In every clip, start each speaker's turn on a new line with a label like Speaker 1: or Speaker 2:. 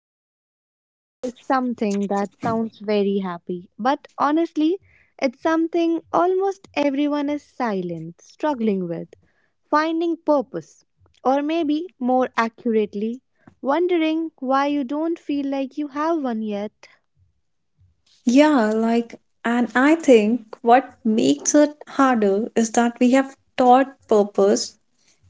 Speaker 1: So, today's topic is something that sounds very happy, but honestly, it's something almost everyone is silent, struggling with, finding purpose, or maybe more accurately, wondering why you don't feel like you have one yet.
Speaker 2: Yeah, like, and I think what makes it harder is that we have taught purpose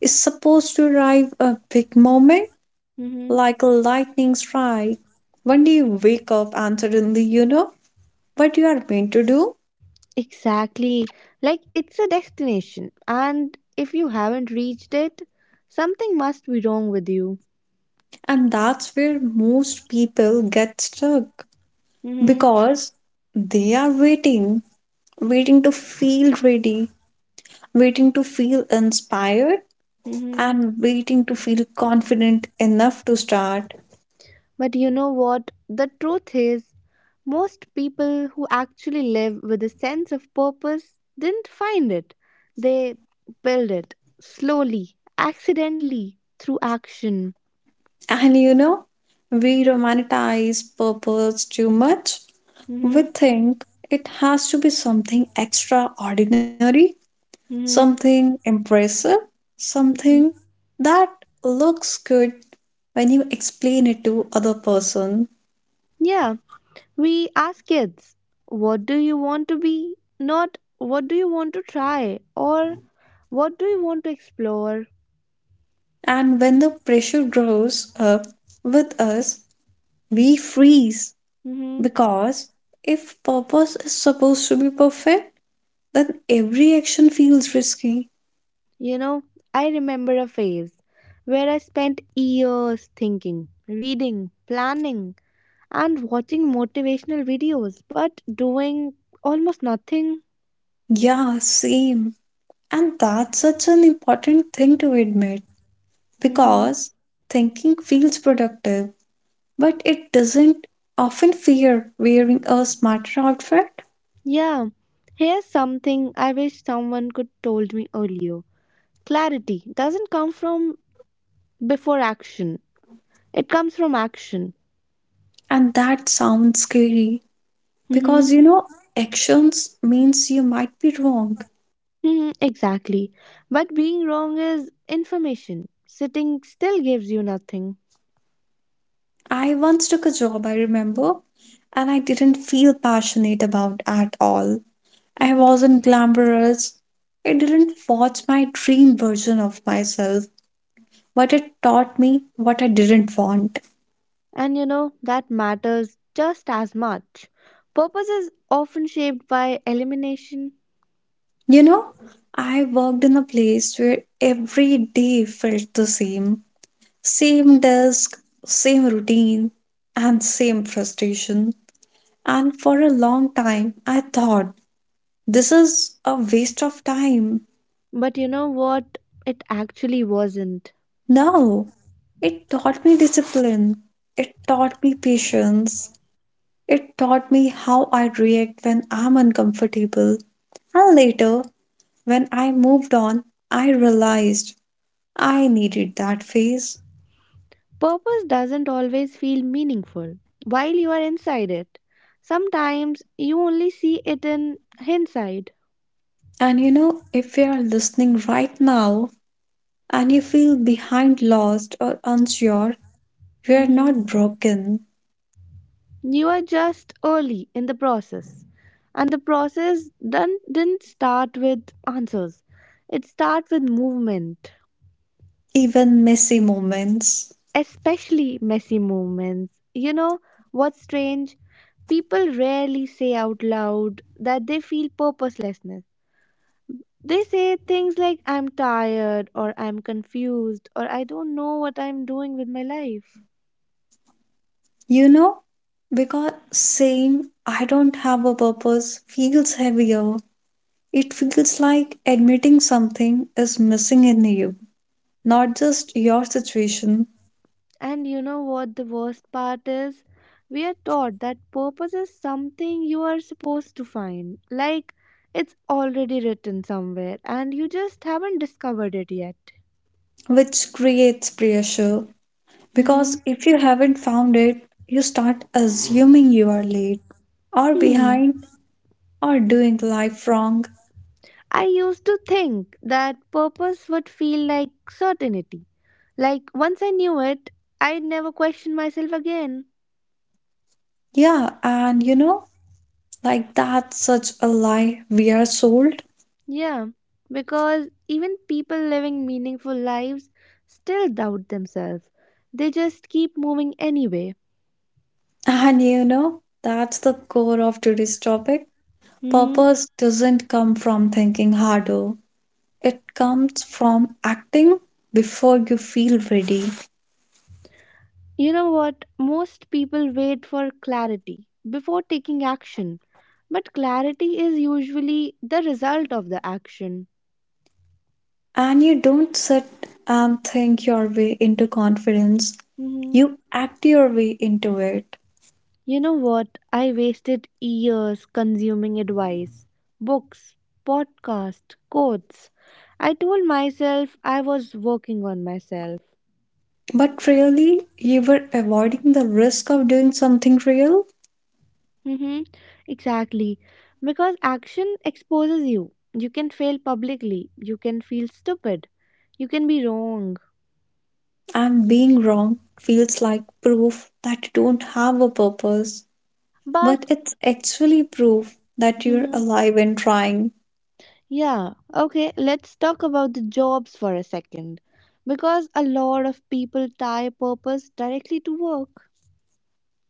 Speaker 2: is supposed to arrive a big moment,
Speaker 1: Hmm.
Speaker 2: like a lightning strike. When do you wake up and suddenly you know what you are meant to do?
Speaker 1: Exactly. Like it's a destination, and if you haven't reached it, something must be wrong with you.
Speaker 2: And that's where most people get stuck
Speaker 1: Mhm.
Speaker 2: because they are waiting, waiting to feel ready, waiting to feel inspired,
Speaker 1: Mhm.
Speaker 2: and waiting to feel confident enough to start.
Speaker 1: But you know what? The truth is, most people who actually live with a sense of purpose didn't find it. They build it slowly, accidentally, through action.
Speaker 2: And you know, we romanticize purpose too much. We
Speaker 1: hmm
Speaker 2: think it has to be something extraordinary,
Speaker 1: hmm
Speaker 2: something impressive, something
Speaker 1: hmm
Speaker 2: that looks good when you explain it to other person.
Speaker 1: Yeah, we ask kids, what do you want to be? Not what do you want to try or what do you want to explore?
Speaker 2: And when the pressure grows up with us, we freeze because if purpose is supposed to be perfect, then every action feels risky.
Speaker 1: You know, I remember a phase where I spent years thinking, reading, planning, and watching motivational videos, but doing almost nothing.
Speaker 2: Yeah, same. And that's such an important thing to admit
Speaker 1: hmm
Speaker 2: because thinking feels productive, but it doesn't often fear wearing a smarter outfit.
Speaker 1: Yeah, here's something I wish someone could told me earlier. Clarity doesn't come from before action. It comes from action.
Speaker 2: And that sounds scary because you
Speaker 1: Hmm.
Speaker 2: know, actions means you might be wrong.
Speaker 1: Hmm. Exactly. But being wrong is information. Sitting still gives you nothing.
Speaker 2: I once took a job, I remember, and I didn't feel passionate about at all. I wasn't glamorous. It didn't forge my dream version of myself, but it taught me what I didn't want.
Speaker 1: And you know, that matters just as much. Purpose is often shaped by elimination,
Speaker 2: You know, I worked in a place where every day felt the same, same desk, same routine, and same frustration. And for a long time, I thought this is a waste of time.
Speaker 1: but you know what? It actually wasn't.
Speaker 2: No, it taught me discipline, it taught me patience, it taught me how I
Speaker 1: hmm
Speaker 2: react when I'm uncomfortable. And later, when I moved on, I realized I needed that phase.
Speaker 1: Purpose doesn't always feel meaningful while you are inside it. Sometimes you only see it in hindsight.
Speaker 2: And you know, if you are listening right now and you feel behind, lost, or unsure, you are
Speaker 1: Mhm.
Speaker 2: not broken,
Speaker 1: You are just early in the process. And the process done, didn't start with answers, it starts with movement.
Speaker 2: even messy moments.
Speaker 1: Especially messy moments. You know what's strange? People rarely say out loud that they feel purposelessness. They say things like, I'm tired, or I'm confused, or I don't know what I'm doing with my life.
Speaker 2: You know, because saying, I don't have a purpose feels heavier. It feels like admitting something is missing in you, not just your situation,
Speaker 1: And you know what the worst part is? We are taught that purpose is something you are supposed to find. Like, it's already written somewhere, and you just haven't discovered it yet.
Speaker 2: which creates pressure. Because if you haven't found it, you start assuming you are late or
Speaker 1: Mm-hmm.
Speaker 2: behind or doing life wrong.
Speaker 1: I used to think that purpose would feel like certainty. Like once I knew it, I'd never question myself again.
Speaker 2: Yeah, and you know, like that's such a lie we are sold.
Speaker 1: Yeah, because even people living meaningful lives still doubt themselves. They just keep moving anyway.
Speaker 2: And you know, that's the core of today's topic.
Speaker 1: hmm
Speaker 2: Purpose doesn't come from thinking harder, it comes from acting before you feel ready.
Speaker 1: You know what? Most people wait for clarity before taking action, but clarity is usually the result of the action.
Speaker 2: And you don't sit and think your way into confidence,
Speaker 1: Mm-hmm.
Speaker 2: you act your way into it.
Speaker 1: You know what? I wasted years consuming advice, books, podcasts, quotes. I told myself I was working on myself.
Speaker 2: But really, you were avoiding the risk of doing something real?
Speaker 1: Mm-hmm. Exactly. Because action exposes you. You can fail publicly. You can feel stupid. You can be wrong.
Speaker 2: I'm being wrong feels like proof that you don't have a purpose, but
Speaker 1: But
Speaker 2: it's actually proof that you're
Speaker 1: Mhm.
Speaker 2: alive and trying.
Speaker 1: Yeah, okay, let's talk about the jobs for a second. Because a lot of people tie purpose directly to work.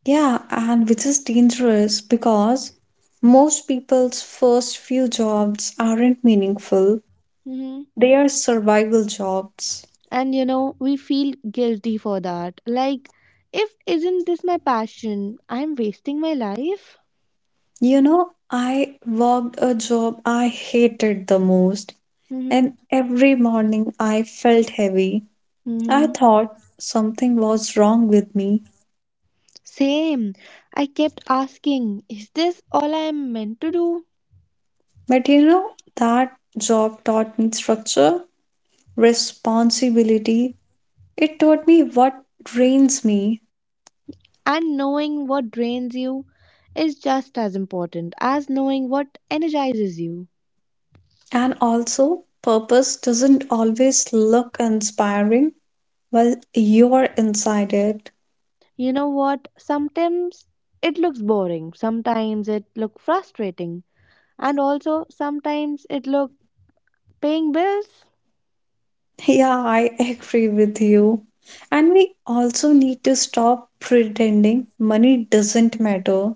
Speaker 2: Yeah, and which is dangerous because most people's first few jobs aren't meaningful, they are survival jobs.
Speaker 1: And you know, we feel guilty for that. Like, if isn't this my passion, I'm wasting my life.
Speaker 2: You know, I worked a job I hated the most,
Speaker 1: Mm-hmm.
Speaker 2: and every morning I felt heavy. I
Speaker 1: Mm-hmm.
Speaker 2: thought something was wrong with me.
Speaker 1: Same. I kept asking, is this all I am meant to do?
Speaker 2: But you know, that job taught me structure, responsibility. It taught me what drains me.
Speaker 1: And knowing what drains you is just as important as knowing what energizes you.
Speaker 2: And also, purpose doesn't always look inspiring while you're inside it.
Speaker 1: You know what? Sometimes it looks boring, sometimes it looks frustrating, and also sometimes it looks paying bills.
Speaker 2: Yeah, I agree with you. And we also need to stop pretending money doesn't matter.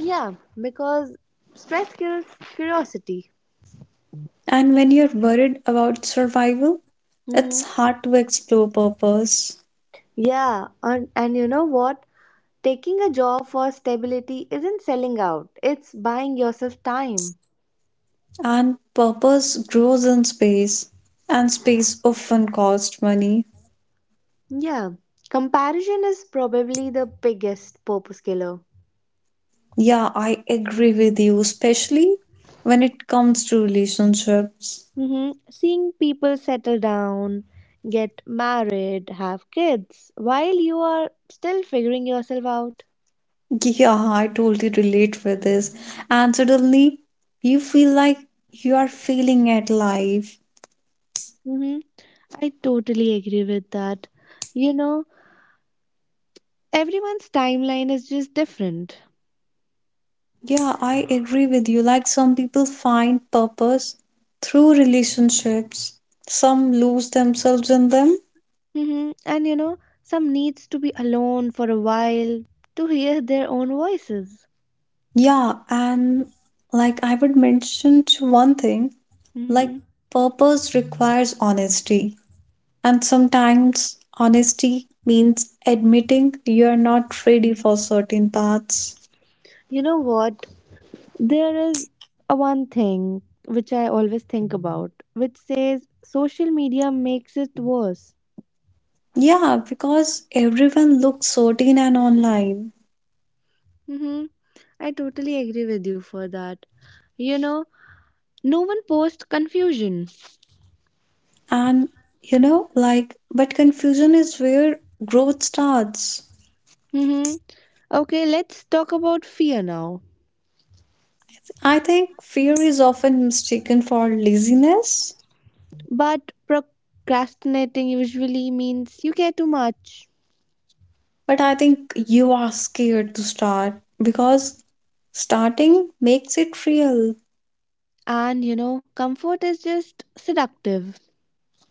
Speaker 1: Yeah, because stress kills curiosity.
Speaker 2: And when you're worried about survival,
Speaker 1: Mm-hmm.
Speaker 2: it's hard to explore purpose.
Speaker 1: Yeah, and you know what? Taking a job for stability isn't selling out, it's buying yourself time.
Speaker 2: And purpose grows in space, and space often costs money.
Speaker 1: Yeah, comparison is probably the biggest purpose killer.
Speaker 2: Yeah, I agree with you, especially when it comes to relationships.
Speaker 1: Mm-hmm. Seeing people settle down, get married, have kids while you are still figuring yourself out.
Speaker 2: Yeah, I totally relate with this. And suddenly, you feel like you are failing at life.
Speaker 1: Mm-hmm. I totally agree with that. You know, everyone's timeline is just different.
Speaker 2: Yeah, I agree with you. Like some people find purpose through relationships, some lose themselves in them.
Speaker 1: And you know, some needs to be alone for a while to hear their own voices.
Speaker 2: Yeah, and like I would mention to one thing. Like
Speaker 1: hmm
Speaker 2: purpose requires honesty, and sometimes honesty means admitting you are not ready for certain paths.
Speaker 1: You know what? There is a one thing which I always think about, which says social media makes it worse.
Speaker 2: Yeah, because everyone looks certain and online.
Speaker 1: hmm I totally agree with you for that. You know, no one posts confusion.
Speaker 2: And you know, like, but confusion is where growth starts.
Speaker 1: hmm Okay, let's talk about fear now.
Speaker 2: I think fear is often mistaken for laziness,
Speaker 1: But procrastinating usually means you care too much.
Speaker 2: but I think you are scared to start because starting makes it real.
Speaker 1: And you know, comfort is just seductive.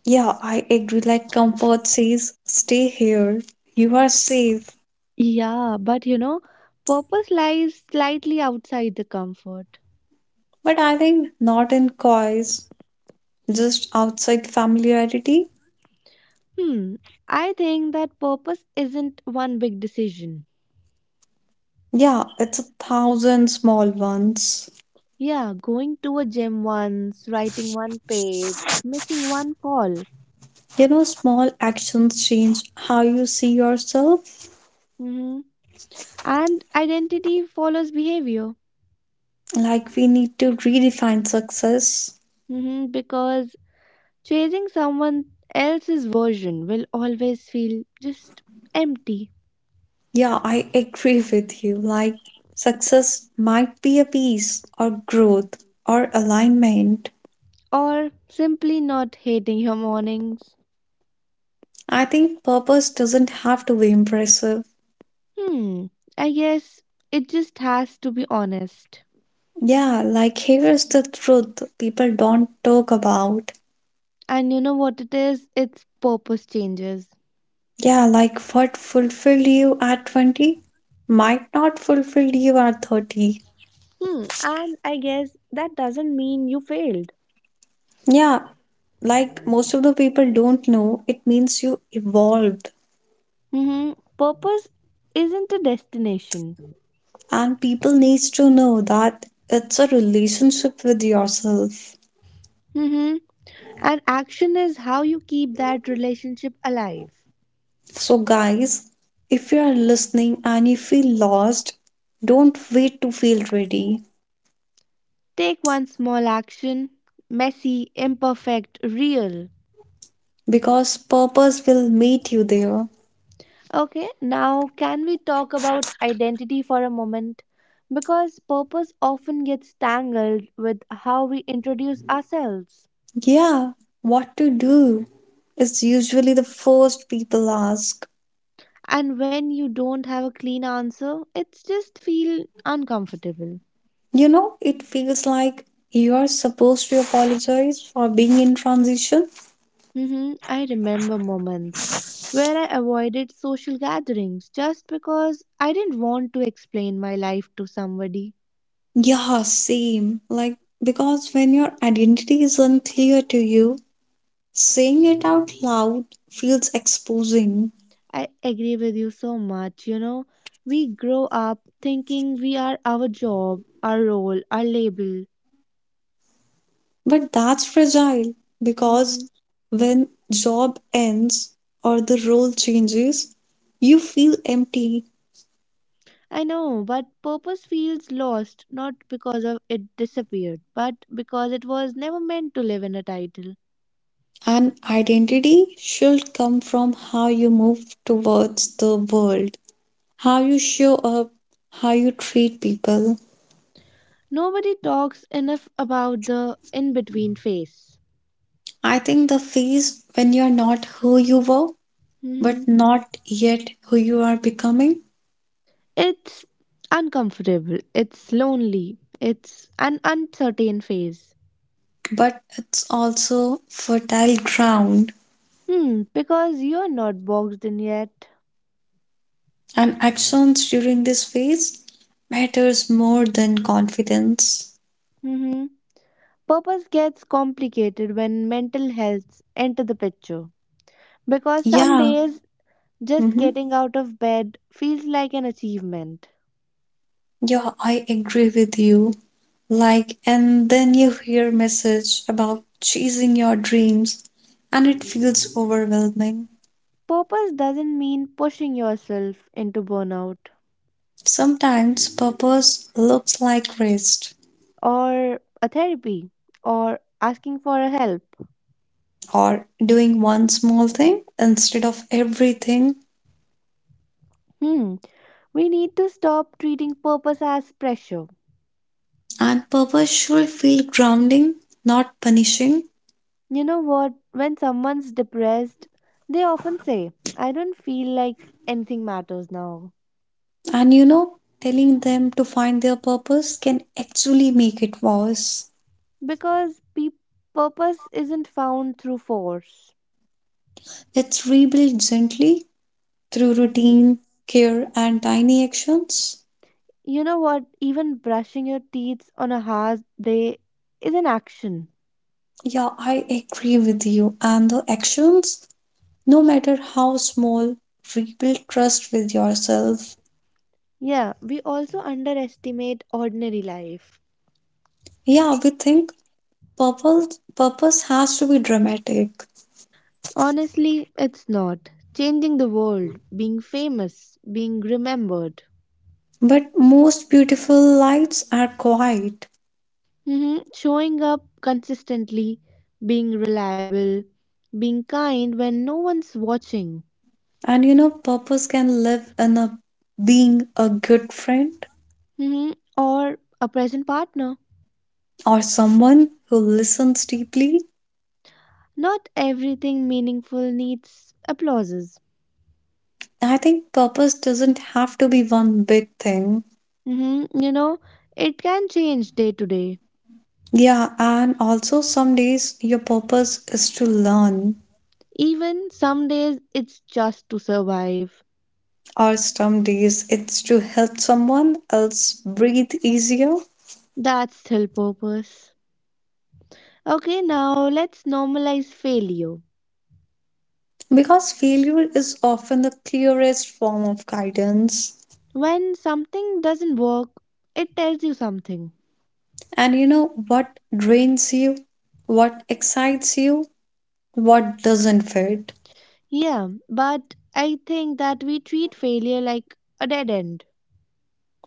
Speaker 2: Yeah, I agree. Like comfort says, stay here. You are safe.
Speaker 1: Yeah, but you know, purpose lies slightly outside the comfort.
Speaker 2: But I think not in coys, just outside familiarity.
Speaker 1: Hmm, I think that purpose isn't one big decision.
Speaker 2: Yeah, it's a thousand small ones.
Speaker 1: Yeah, going to a gym once, writing one page, making one call.
Speaker 2: You know, small actions change how you see yourself.
Speaker 1: Mm-hmm. And identity follows behavior.
Speaker 2: Like, we need to redefine success.
Speaker 1: Mm-hmm. Because chasing someone else's version will always feel just empty.
Speaker 2: Yeah, I agree with you. Like, success might be a peace or growth or alignment.
Speaker 1: Or simply not hating your mornings.
Speaker 2: I think purpose doesn't have to be impressive.
Speaker 1: Hmm, I guess it just has to be honest.
Speaker 2: Yeah, like here's the truth people don't talk about.
Speaker 1: And you know what it is? Its purpose changes.
Speaker 2: Yeah, like what fulfilled you at 20 might not fulfill you at 30.
Speaker 1: And I guess that doesn't mean you failed.
Speaker 2: Yeah, like most of the people don't know, it means you evolved.
Speaker 1: Mm-hmm. Purpose isn't a destination.
Speaker 2: And people needs to know that it's a relationship with yourself.
Speaker 1: Mm-hmm. And action is how you keep that relationship alive.
Speaker 2: So guys, if you are listening and you feel lost, don't wait to feel ready
Speaker 1: Take one small action, messy, imperfect, real.
Speaker 2: because purpose will meet you there.
Speaker 1: Okay, now can we talk about identity for a moment? Because purpose often gets tangled with how we introduce ourselves.
Speaker 2: Yeah, what to do is usually the first people ask.
Speaker 1: And when you don't have a clean answer, it's just feel uncomfortable.
Speaker 2: You know, it feels like you are supposed to apologize for being in transition.
Speaker 1: I remember moments where I avoided social gatherings just because I didn't want to explain my life to somebody.
Speaker 2: Yeah, same. Like, because when your identity is unclear to you, saying it out loud feels exposing.
Speaker 1: I agree with you so much. You know, we grow up thinking we are our job, our role, our label.
Speaker 2: But that's fragile because
Speaker 1: hmm
Speaker 2: when job ends or the role changes, you feel empty.
Speaker 1: I know, but purpose feels lost not because of it disappeared, but because it was never meant to live in a title.
Speaker 2: An identity should come from how you move towards the world, how you show up, how you treat people.
Speaker 1: Nobody talks enough about the in between phase.
Speaker 2: I think the phase when you're not who you were,
Speaker 1: hmm
Speaker 2: but not yet who you are becoming,
Speaker 1: It's uncomfortable, it's lonely, it's an uncertain phase.
Speaker 2: but it's also fertile ground.
Speaker 1: Because you're not boxed in yet.
Speaker 2: And actions during this phase matters more than confidence.
Speaker 1: hmm Purpose gets complicated when mental health enter the picture because some
Speaker 2: Yeah,
Speaker 1: days just
Speaker 2: hmm
Speaker 1: getting out of bed feels like an achievement.
Speaker 2: yeah, I agree with you. Like, and then you hear message about chasing your dreams and it feels overwhelming.
Speaker 1: Purpose doesn't mean pushing yourself into burnout
Speaker 2: Sometimes purpose looks like rest
Speaker 1: or a therapy or asking for a help.
Speaker 2: or doing one small thing instead of everything.
Speaker 1: Hmm, we need to stop treating purpose as pressure.
Speaker 2: And purpose should feel grounding, not punishing.
Speaker 1: You know what? When someone's depressed, they often say, I don't feel like anything matters now
Speaker 2: And you know, telling them to find their purpose can actually make it worse.
Speaker 1: because purpose isn't found through force.
Speaker 2: It's rebuilt gently through
Speaker 1: hmm
Speaker 2: routine, care, and tiny actions.
Speaker 1: You know what? Even brushing your teeth on a hard day is an action.
Speaker 2: Yeah, I agree with you. And the actions, no matter how small, rebuild trust with yourself.
Speaker 1: Yeah, we also underestimate ordinary life.
Speaker 2: Yeah, we think purpose has to be dramatic,
Speaker 1: Honestly, it's not. Changing the world, being famous, being remembered,
Speaker 2: but most beautiful lights are quiet.
Speaker 1: showing up consistently, being reliable, being kind when no one's watching,
Speaker 2: And you know, purpose can live in a being a good friend
Speaker 1: hmm or a present partner.
Speaker 2: or someone who listens deeply.
Speaker 1: Not everything meaningful needs applauses.
Speaker 2: I think purpose doesn't have to be one big thing.
Speaker 1: You know, it can change day to day.
Speaker 2: Yeah, and also some days your purpose is to learn
Speaker 1: Even some days it's just to survive.
Speaker 2: or some days it's to help someone else breathe easier
Speaker 1: That's still purpose. Okay, now let's normalize failure.
Speaker 2: because failure is often the clearest form of guidance.
Speaker 1: When something doesn't work, it tells you something.
Speaker 2: And you know what drains you, what excites you, what doesn't fit.
Speaker 1: Yeah, but I think that we treat failure like a dead end.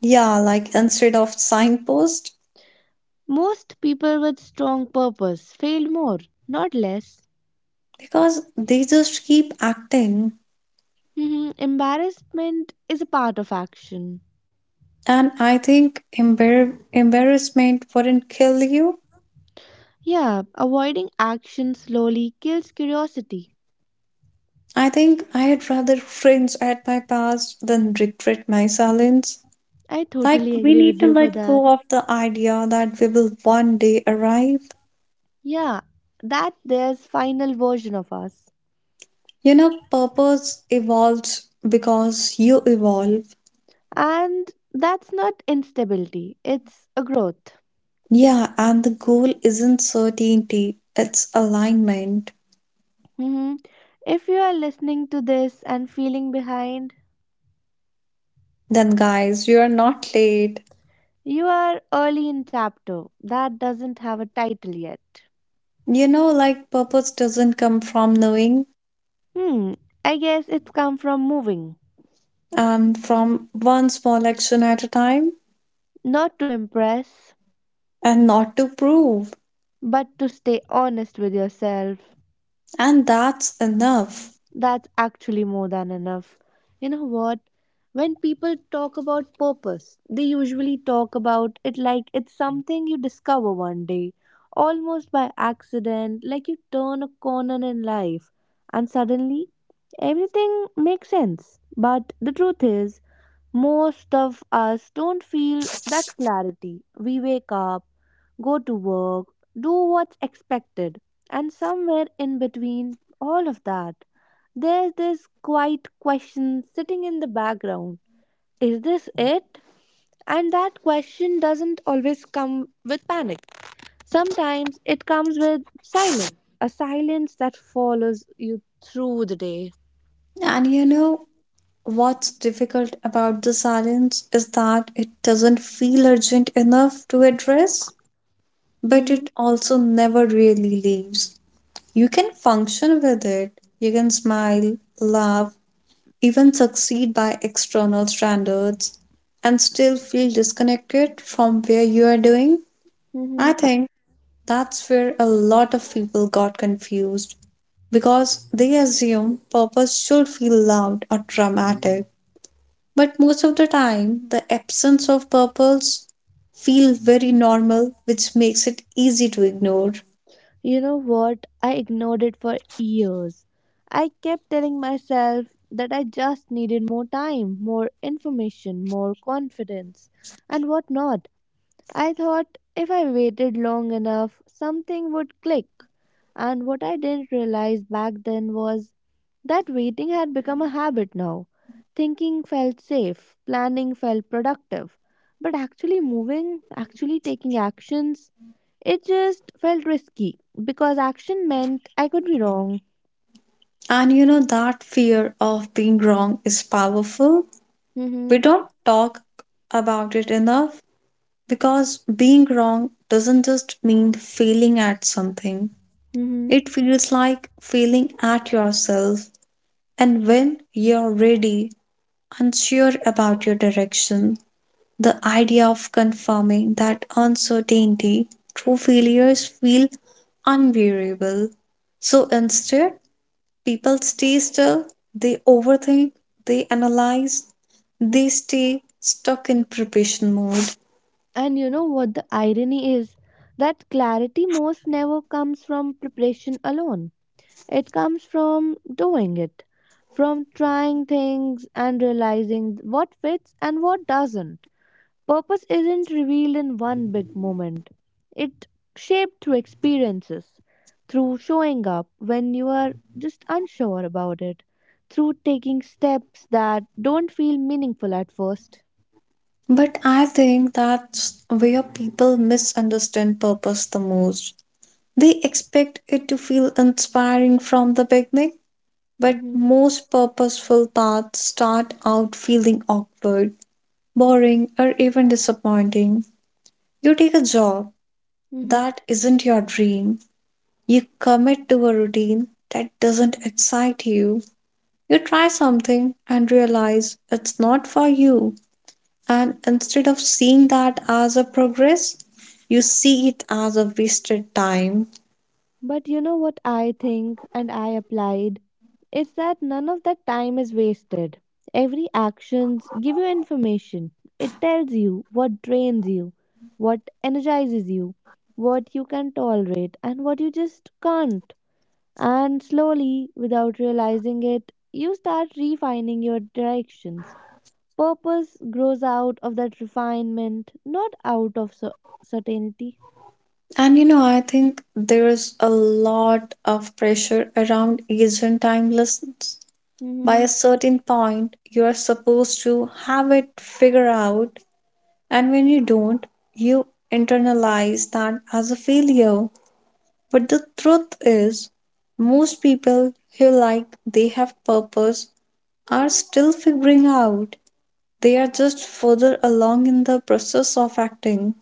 Speaker 2: Yeah, like instead of signpost,
Speaker 1: Most people with strong purpose fail more, not less.
Speaker 2: because they just keep acting.
Speaker 1: Embarrassment is a part of action.
Speaker 2: And I think embarrassment wouldn't kill you.
Speaker 1: Yeah, avoiding action slowly kills curiosity.
Speaker 2: I think I'd rather cringe at my past than regret my silence.
Speaker 1: I
Speaker 2: Like,
Speaker 1: totally
Speaker 2: we
Speaker 1: agree
Speaker 2: need
Speaker 1: with
Speaker 2: to
Speaker 1: you for
Speaker 2: let go
Speaker 1: that.
Speaker 2: of the idea that we will one day arrive.
Speaker 1: Yeah, that there's final version of us.
Speaker 2: You know, purpose evolves because you evolve.
Speaker 1: And that's not instability, it's a growth.
Speaker 2: Yeah, and the goal isn't certainty, it's alignment.
Speaker 1: hmm If you are listening to this and feeling behind,
Speaker 2: Then, guys, you are not late.
Speaker 1: you are early in chapter that doesn't have a title yet.
Speaker 2: You know, like, purpose doesn't come from knowing
Speaker 1: Hmm, I guess it's come from moving,
Speaker 2: and from one small action at a time
Speaker 1: not to impress,
Speaker 2: and not to prove.
Speaker 1: but to stay honest with yourself,
Speaker 2: And that's enough.
Speaker 1: that's actually more than enough. You know what? When people talk about purpose, they usually talk about it like it's something you discover one day, almost by accident, like you turn a corner in life and suddenly everything makes sense. But the truth is, most of us don't feel that clarity. We wake up, go to work, do what's expected, and somewhere in between all of that, there's this quiet question sitting in the background. Is this it? And that question doesn't always come with panic. Sometimes it comes with silence, a silence that follows you through the day.
Speaker 2: And you know, what's difficult about the silence is that it doesn't feel urgent enough to address, but
Speaker 1: hmm
Speaker 2: it also never really leaves. You can function with it, you can smile, laugh, even succeed by external standards, and still feel disconnected from where you are doing.
Speaker 1: hmm
Speaker 2: I think that's where a lot of people got confused because they assume purpose should feel loud or dramatic. But most of the time, the absence of purpose feels very normal, which makes it easy to ignore.
Speaker 1: You know what? I ignored it for years. I kept telling myself that I just needed more time, more information, more confidence, and whatnot. I thought if I waited long enough, something would click. And what I didn't realize back then was that waiting had become a habit now. Thinking felt safe, planning felt productive, but actually moving, actually taking actions, it just felt risky because action meant I could be wrong.
Speaker 2: And you know, that fear of being wrong is powerful. We
Speaker 1: hmm
Speaker 2: don't talk about it enough because being wrong doesn't just mean failing at something,
Speaker 1: hmm
Speaker 2: it feels like failing at yourself. And when you're ready, unsure about your direction, the idea of confirming that uncertainty through failures feel unbearable. So instead, people stay still, they overthink, they analyze, they stay stuck in preparation mode.
Speaker 1: And you know what the irony is? That clarity most never comes from preparation alone. It comes from doing it, from trying things and realizing what fits and what doesn't. Purpose isn't revealed in one big moment. It shaped through experiences, through showing up when you are just unsure about it, through taking steps that don't feel meaningful at first.
Speaker 2: But I think that's where people misunderstand purpose the most. They expect it to feel inspiring from the beginning, but
Speaker 1: Mm-hmm.
Speaker 2: most purposeful paths start out feeling awkward, boring, or even disappointing. You take a job that isn't your dream. You commit to a routine that doesn't excite you. You try something and realize it's not for you. And instead of seeing that as a progress, you see it as a wasted time.
Speaker 1: But you know what I think and I applied? It's that none of that time is wasted. Every actions give you information. It tells you what drains you, what energizes you, what you can tolerate and what you just can't. And slowly, without realizing it, you start refining your directions. Purpose grows out of that refinement, not out of certainty.
Speaker 2: And you know, I think there's a lot of pressure around Asian time lessons. By a
Speaker 1: Mhm.
Speaker 2: certain point, you are supposed to have it figured out. And when you don't, you internalize that as a failure. But the truth is, most people who like they have purpose are still figuring out. They are just further along in the process of acting.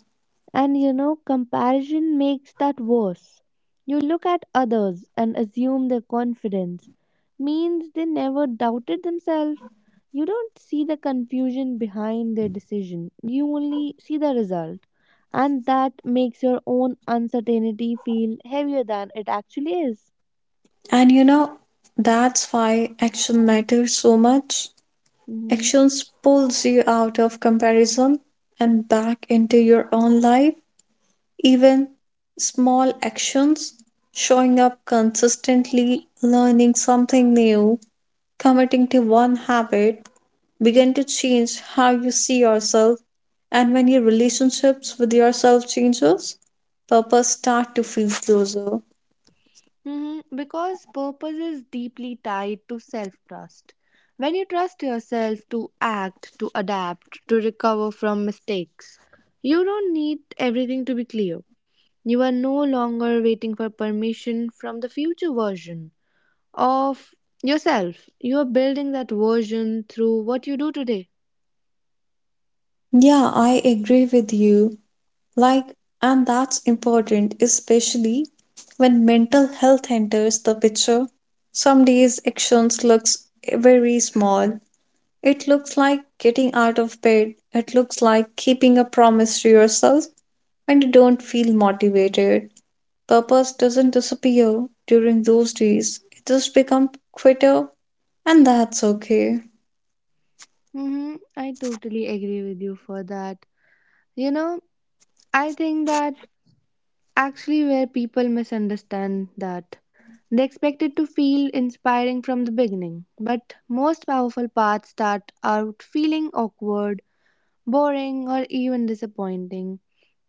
Speaker 1: And you know, comparison makes that worse. You look at others and assume their confidence means they never doubted themselves. You don't see the confusion behind their decision, you only see the result. And that makes your own uncertainty feel heavier than it actually is.
Speaker 2: And you know, that's why action matters so much.
Speaker 1: Mm-hmm.
Speaker 2: Actions pulls you out of comparison and back into your own life. Even small actions, showing up consistently, learning something new, committing to one habit, begin to change how you see yourself. And when your relationships with yourself changes, purpose start to feel closer.
Speaker 1: Because purpose is deeply tied to self trust. When you trust yourself to act, to adapt, to recover from mistakes, you don't need everything to be clear. You are no longer waiting for permission from the future version of yourself. You are building that version through what you do today.
Speaker 2: Yeah, I agree with you. Like, and that's important, especially when mental health enters the picture. Some days actions looks very small, it looks like getting out of bed. It looks like keeping a promise to yourself when you don't feel motivated. Purpose doesn't disappear during those days. It just becomes quitter and that's okay.
Speaker 1: Mm-hmm. I totally agree with you for that. You know, I think that actually where people misunderstand that. They expect it to feel inspiring from the beginning, but most powerful parts start out feeling awkward, boring, or even disappointing.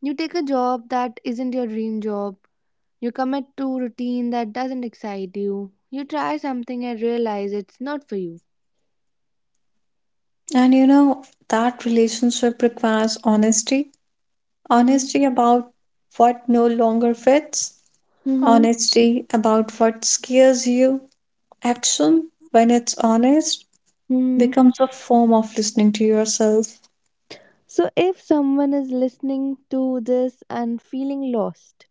Speaker 1: You take a job that isn't your dream job, you commit to routine that doesn't excite you, you try something and realize it's not for you.
Speaker 2: And you know, that relationship requires honesty.
Speaker 1: hmm
Speaker 2: Honesty about what no longer fits.
Speaker 1: Mm-hmm.
Speaker 2: Honesty about what scares you. Action, when it's honest,
Speaker 1: hmm
Speaker 2: becomes a form of listening to yourself.
Speaker 1: So, if someone is listening to this and feeling lost,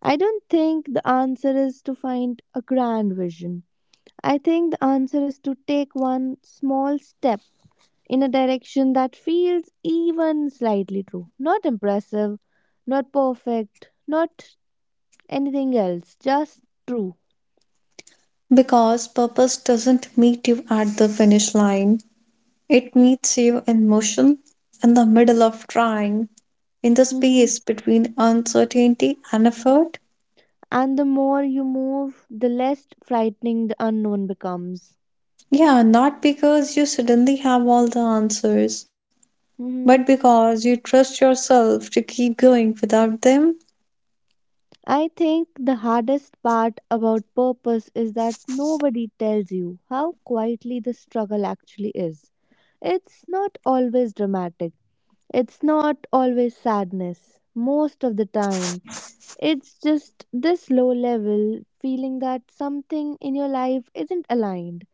Speaker 1: I don't think the answer is to find a grand vision. I think the answer is to take one small step in a direction that feels even slightly true. Not impressive, not perfect, not anything else, just true.
Speaker 2: Because purpose doesn't meet you at the finish line, it meets you in motion, in the middle of trying, in the
Speaker 1: hmm
Speaker 2: space between uncertainty and effort.
Speaker 1: And the more you move, the less frightening the unknown becomes.
Speaker 2: Yeah, not because you suddenly have all the answers, but
Speaker 1: hmm
Speaker 2: because you trust yourself to keep going without them.
Speaker 1: I think the hardest part about purpose is that nobody tells you how quietly the struggle actually is. It's not always dramatic, it's not always sadness. Most of the time, it's just this low level feeling that something in your life isn't aligned.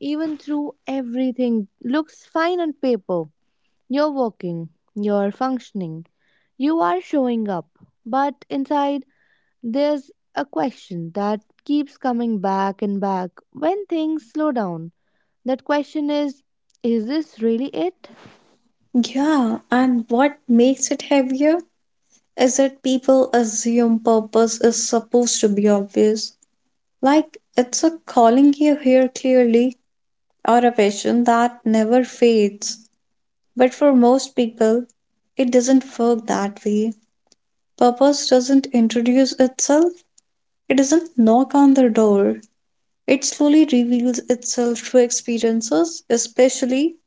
Speaker 1: Even through everything looks fine on paper. You're working, you're functioning, you are showing up, but inside, there's a question that keeps coming back and back when things slow down. That question is this really it?
Speaker 2: Yeah, and what makes it heavier is that people assume purpose is supposed to be obvious. Like it's a calling you here clearly or a passion that never fades. But for most people, it doesn't work that way. Purpose doesn't introduce itself, it doesn't knock on the door. It slowly reveals itself through experiences, especially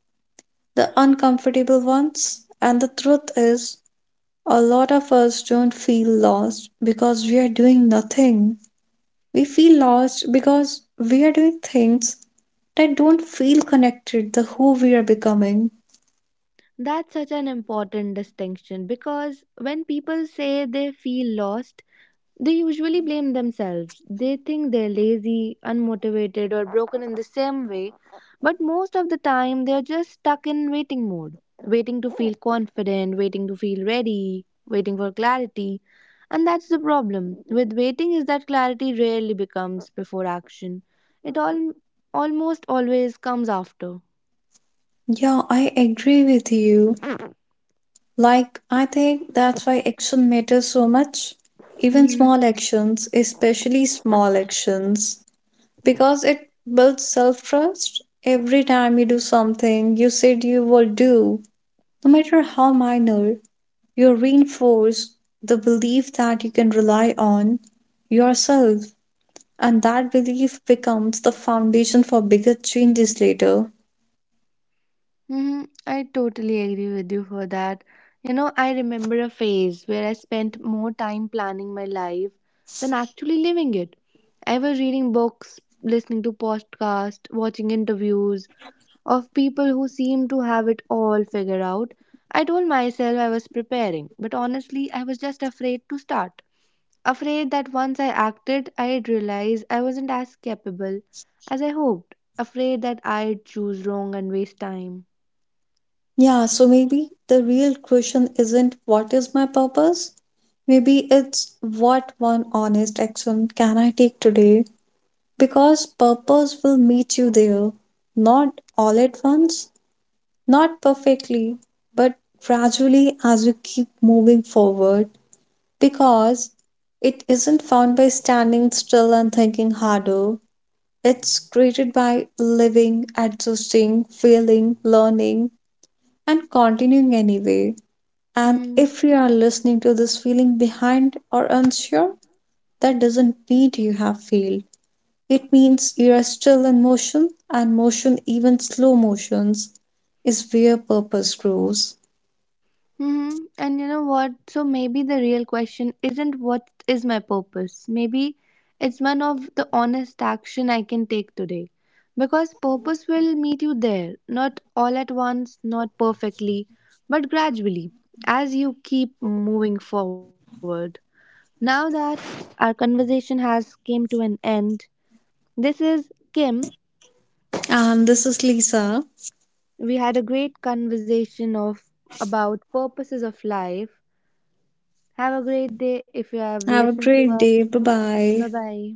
Speaker 2: the uncomfortable ones. And the truth is, a lot of us don't feel lost because we are doing nothing. We feel lost because we are doing things that don't feel connected to who we are becoming.
Speaker 1: That's such an important distinction because when people say they feel lost, they usually blame themselves. They think they're lazy, unmotivated, or broken in the same way, but most of the time they're just stuck in waiting mode, waiting to feel confident, waiting to feel ready, waiting for clarity. And that's the problem with waiting is that clarity rarely becomes before action. It all almost always comes after.
Speaker 2: Yeah, I agree with you. Like, I think that's why action matters so much. Even
Speaker 1: Mhm.
Speaker 2: small actions, especially small actions, because it builds self trust. Every time you do something you said you will do, no matter how minor, you reinforce the belief that you can rely on yourself, and that belief becomes the foundation for bigger changes later.
Speaker 1: Mm-hmm. I totally agree with you for that. You know, I remember a phase where I spent more time planning my life than actually living it. I was reading books, listening to podcasts, watching interviews of people who seemed to have it all figured out. I told myself I was preparing, but honestly, I was just afraid to start. Afraid that once I acted, I'd realize I wasn't as capable as I hoped. Afraid that I'd choose wrong and waste time.
Speaker 2: Yeah, so maybe the real question isn't what is my purpose? Maybe it's what one honest action can I take today? Because purpose will meet you there. Not all at once, not perfectly, but gradually as you keep moving forward. Because it isn't found by standing still and thinking harder. It's created by living, adjusting, failing, learning, and continuing anyway. And
Speaker 1: Hmm.
Speaker 2: if you are listening to this feeling behind or unsure, that doesn't mean you have failed. It means you are still in motion, and motion, even slow motions, is where purpose grows.
Speaker 1: hmm And you know what? So maybe the real question isn't what is my purpose. Maybe it's one of the honest action I can take today. Because purpose will meet you there, not all at once, not perfectly, but gradually, as you keep moving forward. Now that our conversation has came to an end, this is Kim.
Speaker 2: And this is Lisa.
Speaker 1: We had a great conversation of about purposes of life. Have a great day if you have
Speaker 2: Have a
Speaker 1: listened to
Speaker 2: great
Speaker 1: us.
Speaker 2: day. Bye
Speaker 1: Bye
Speaker 2: bye.
Speaker 1: bye.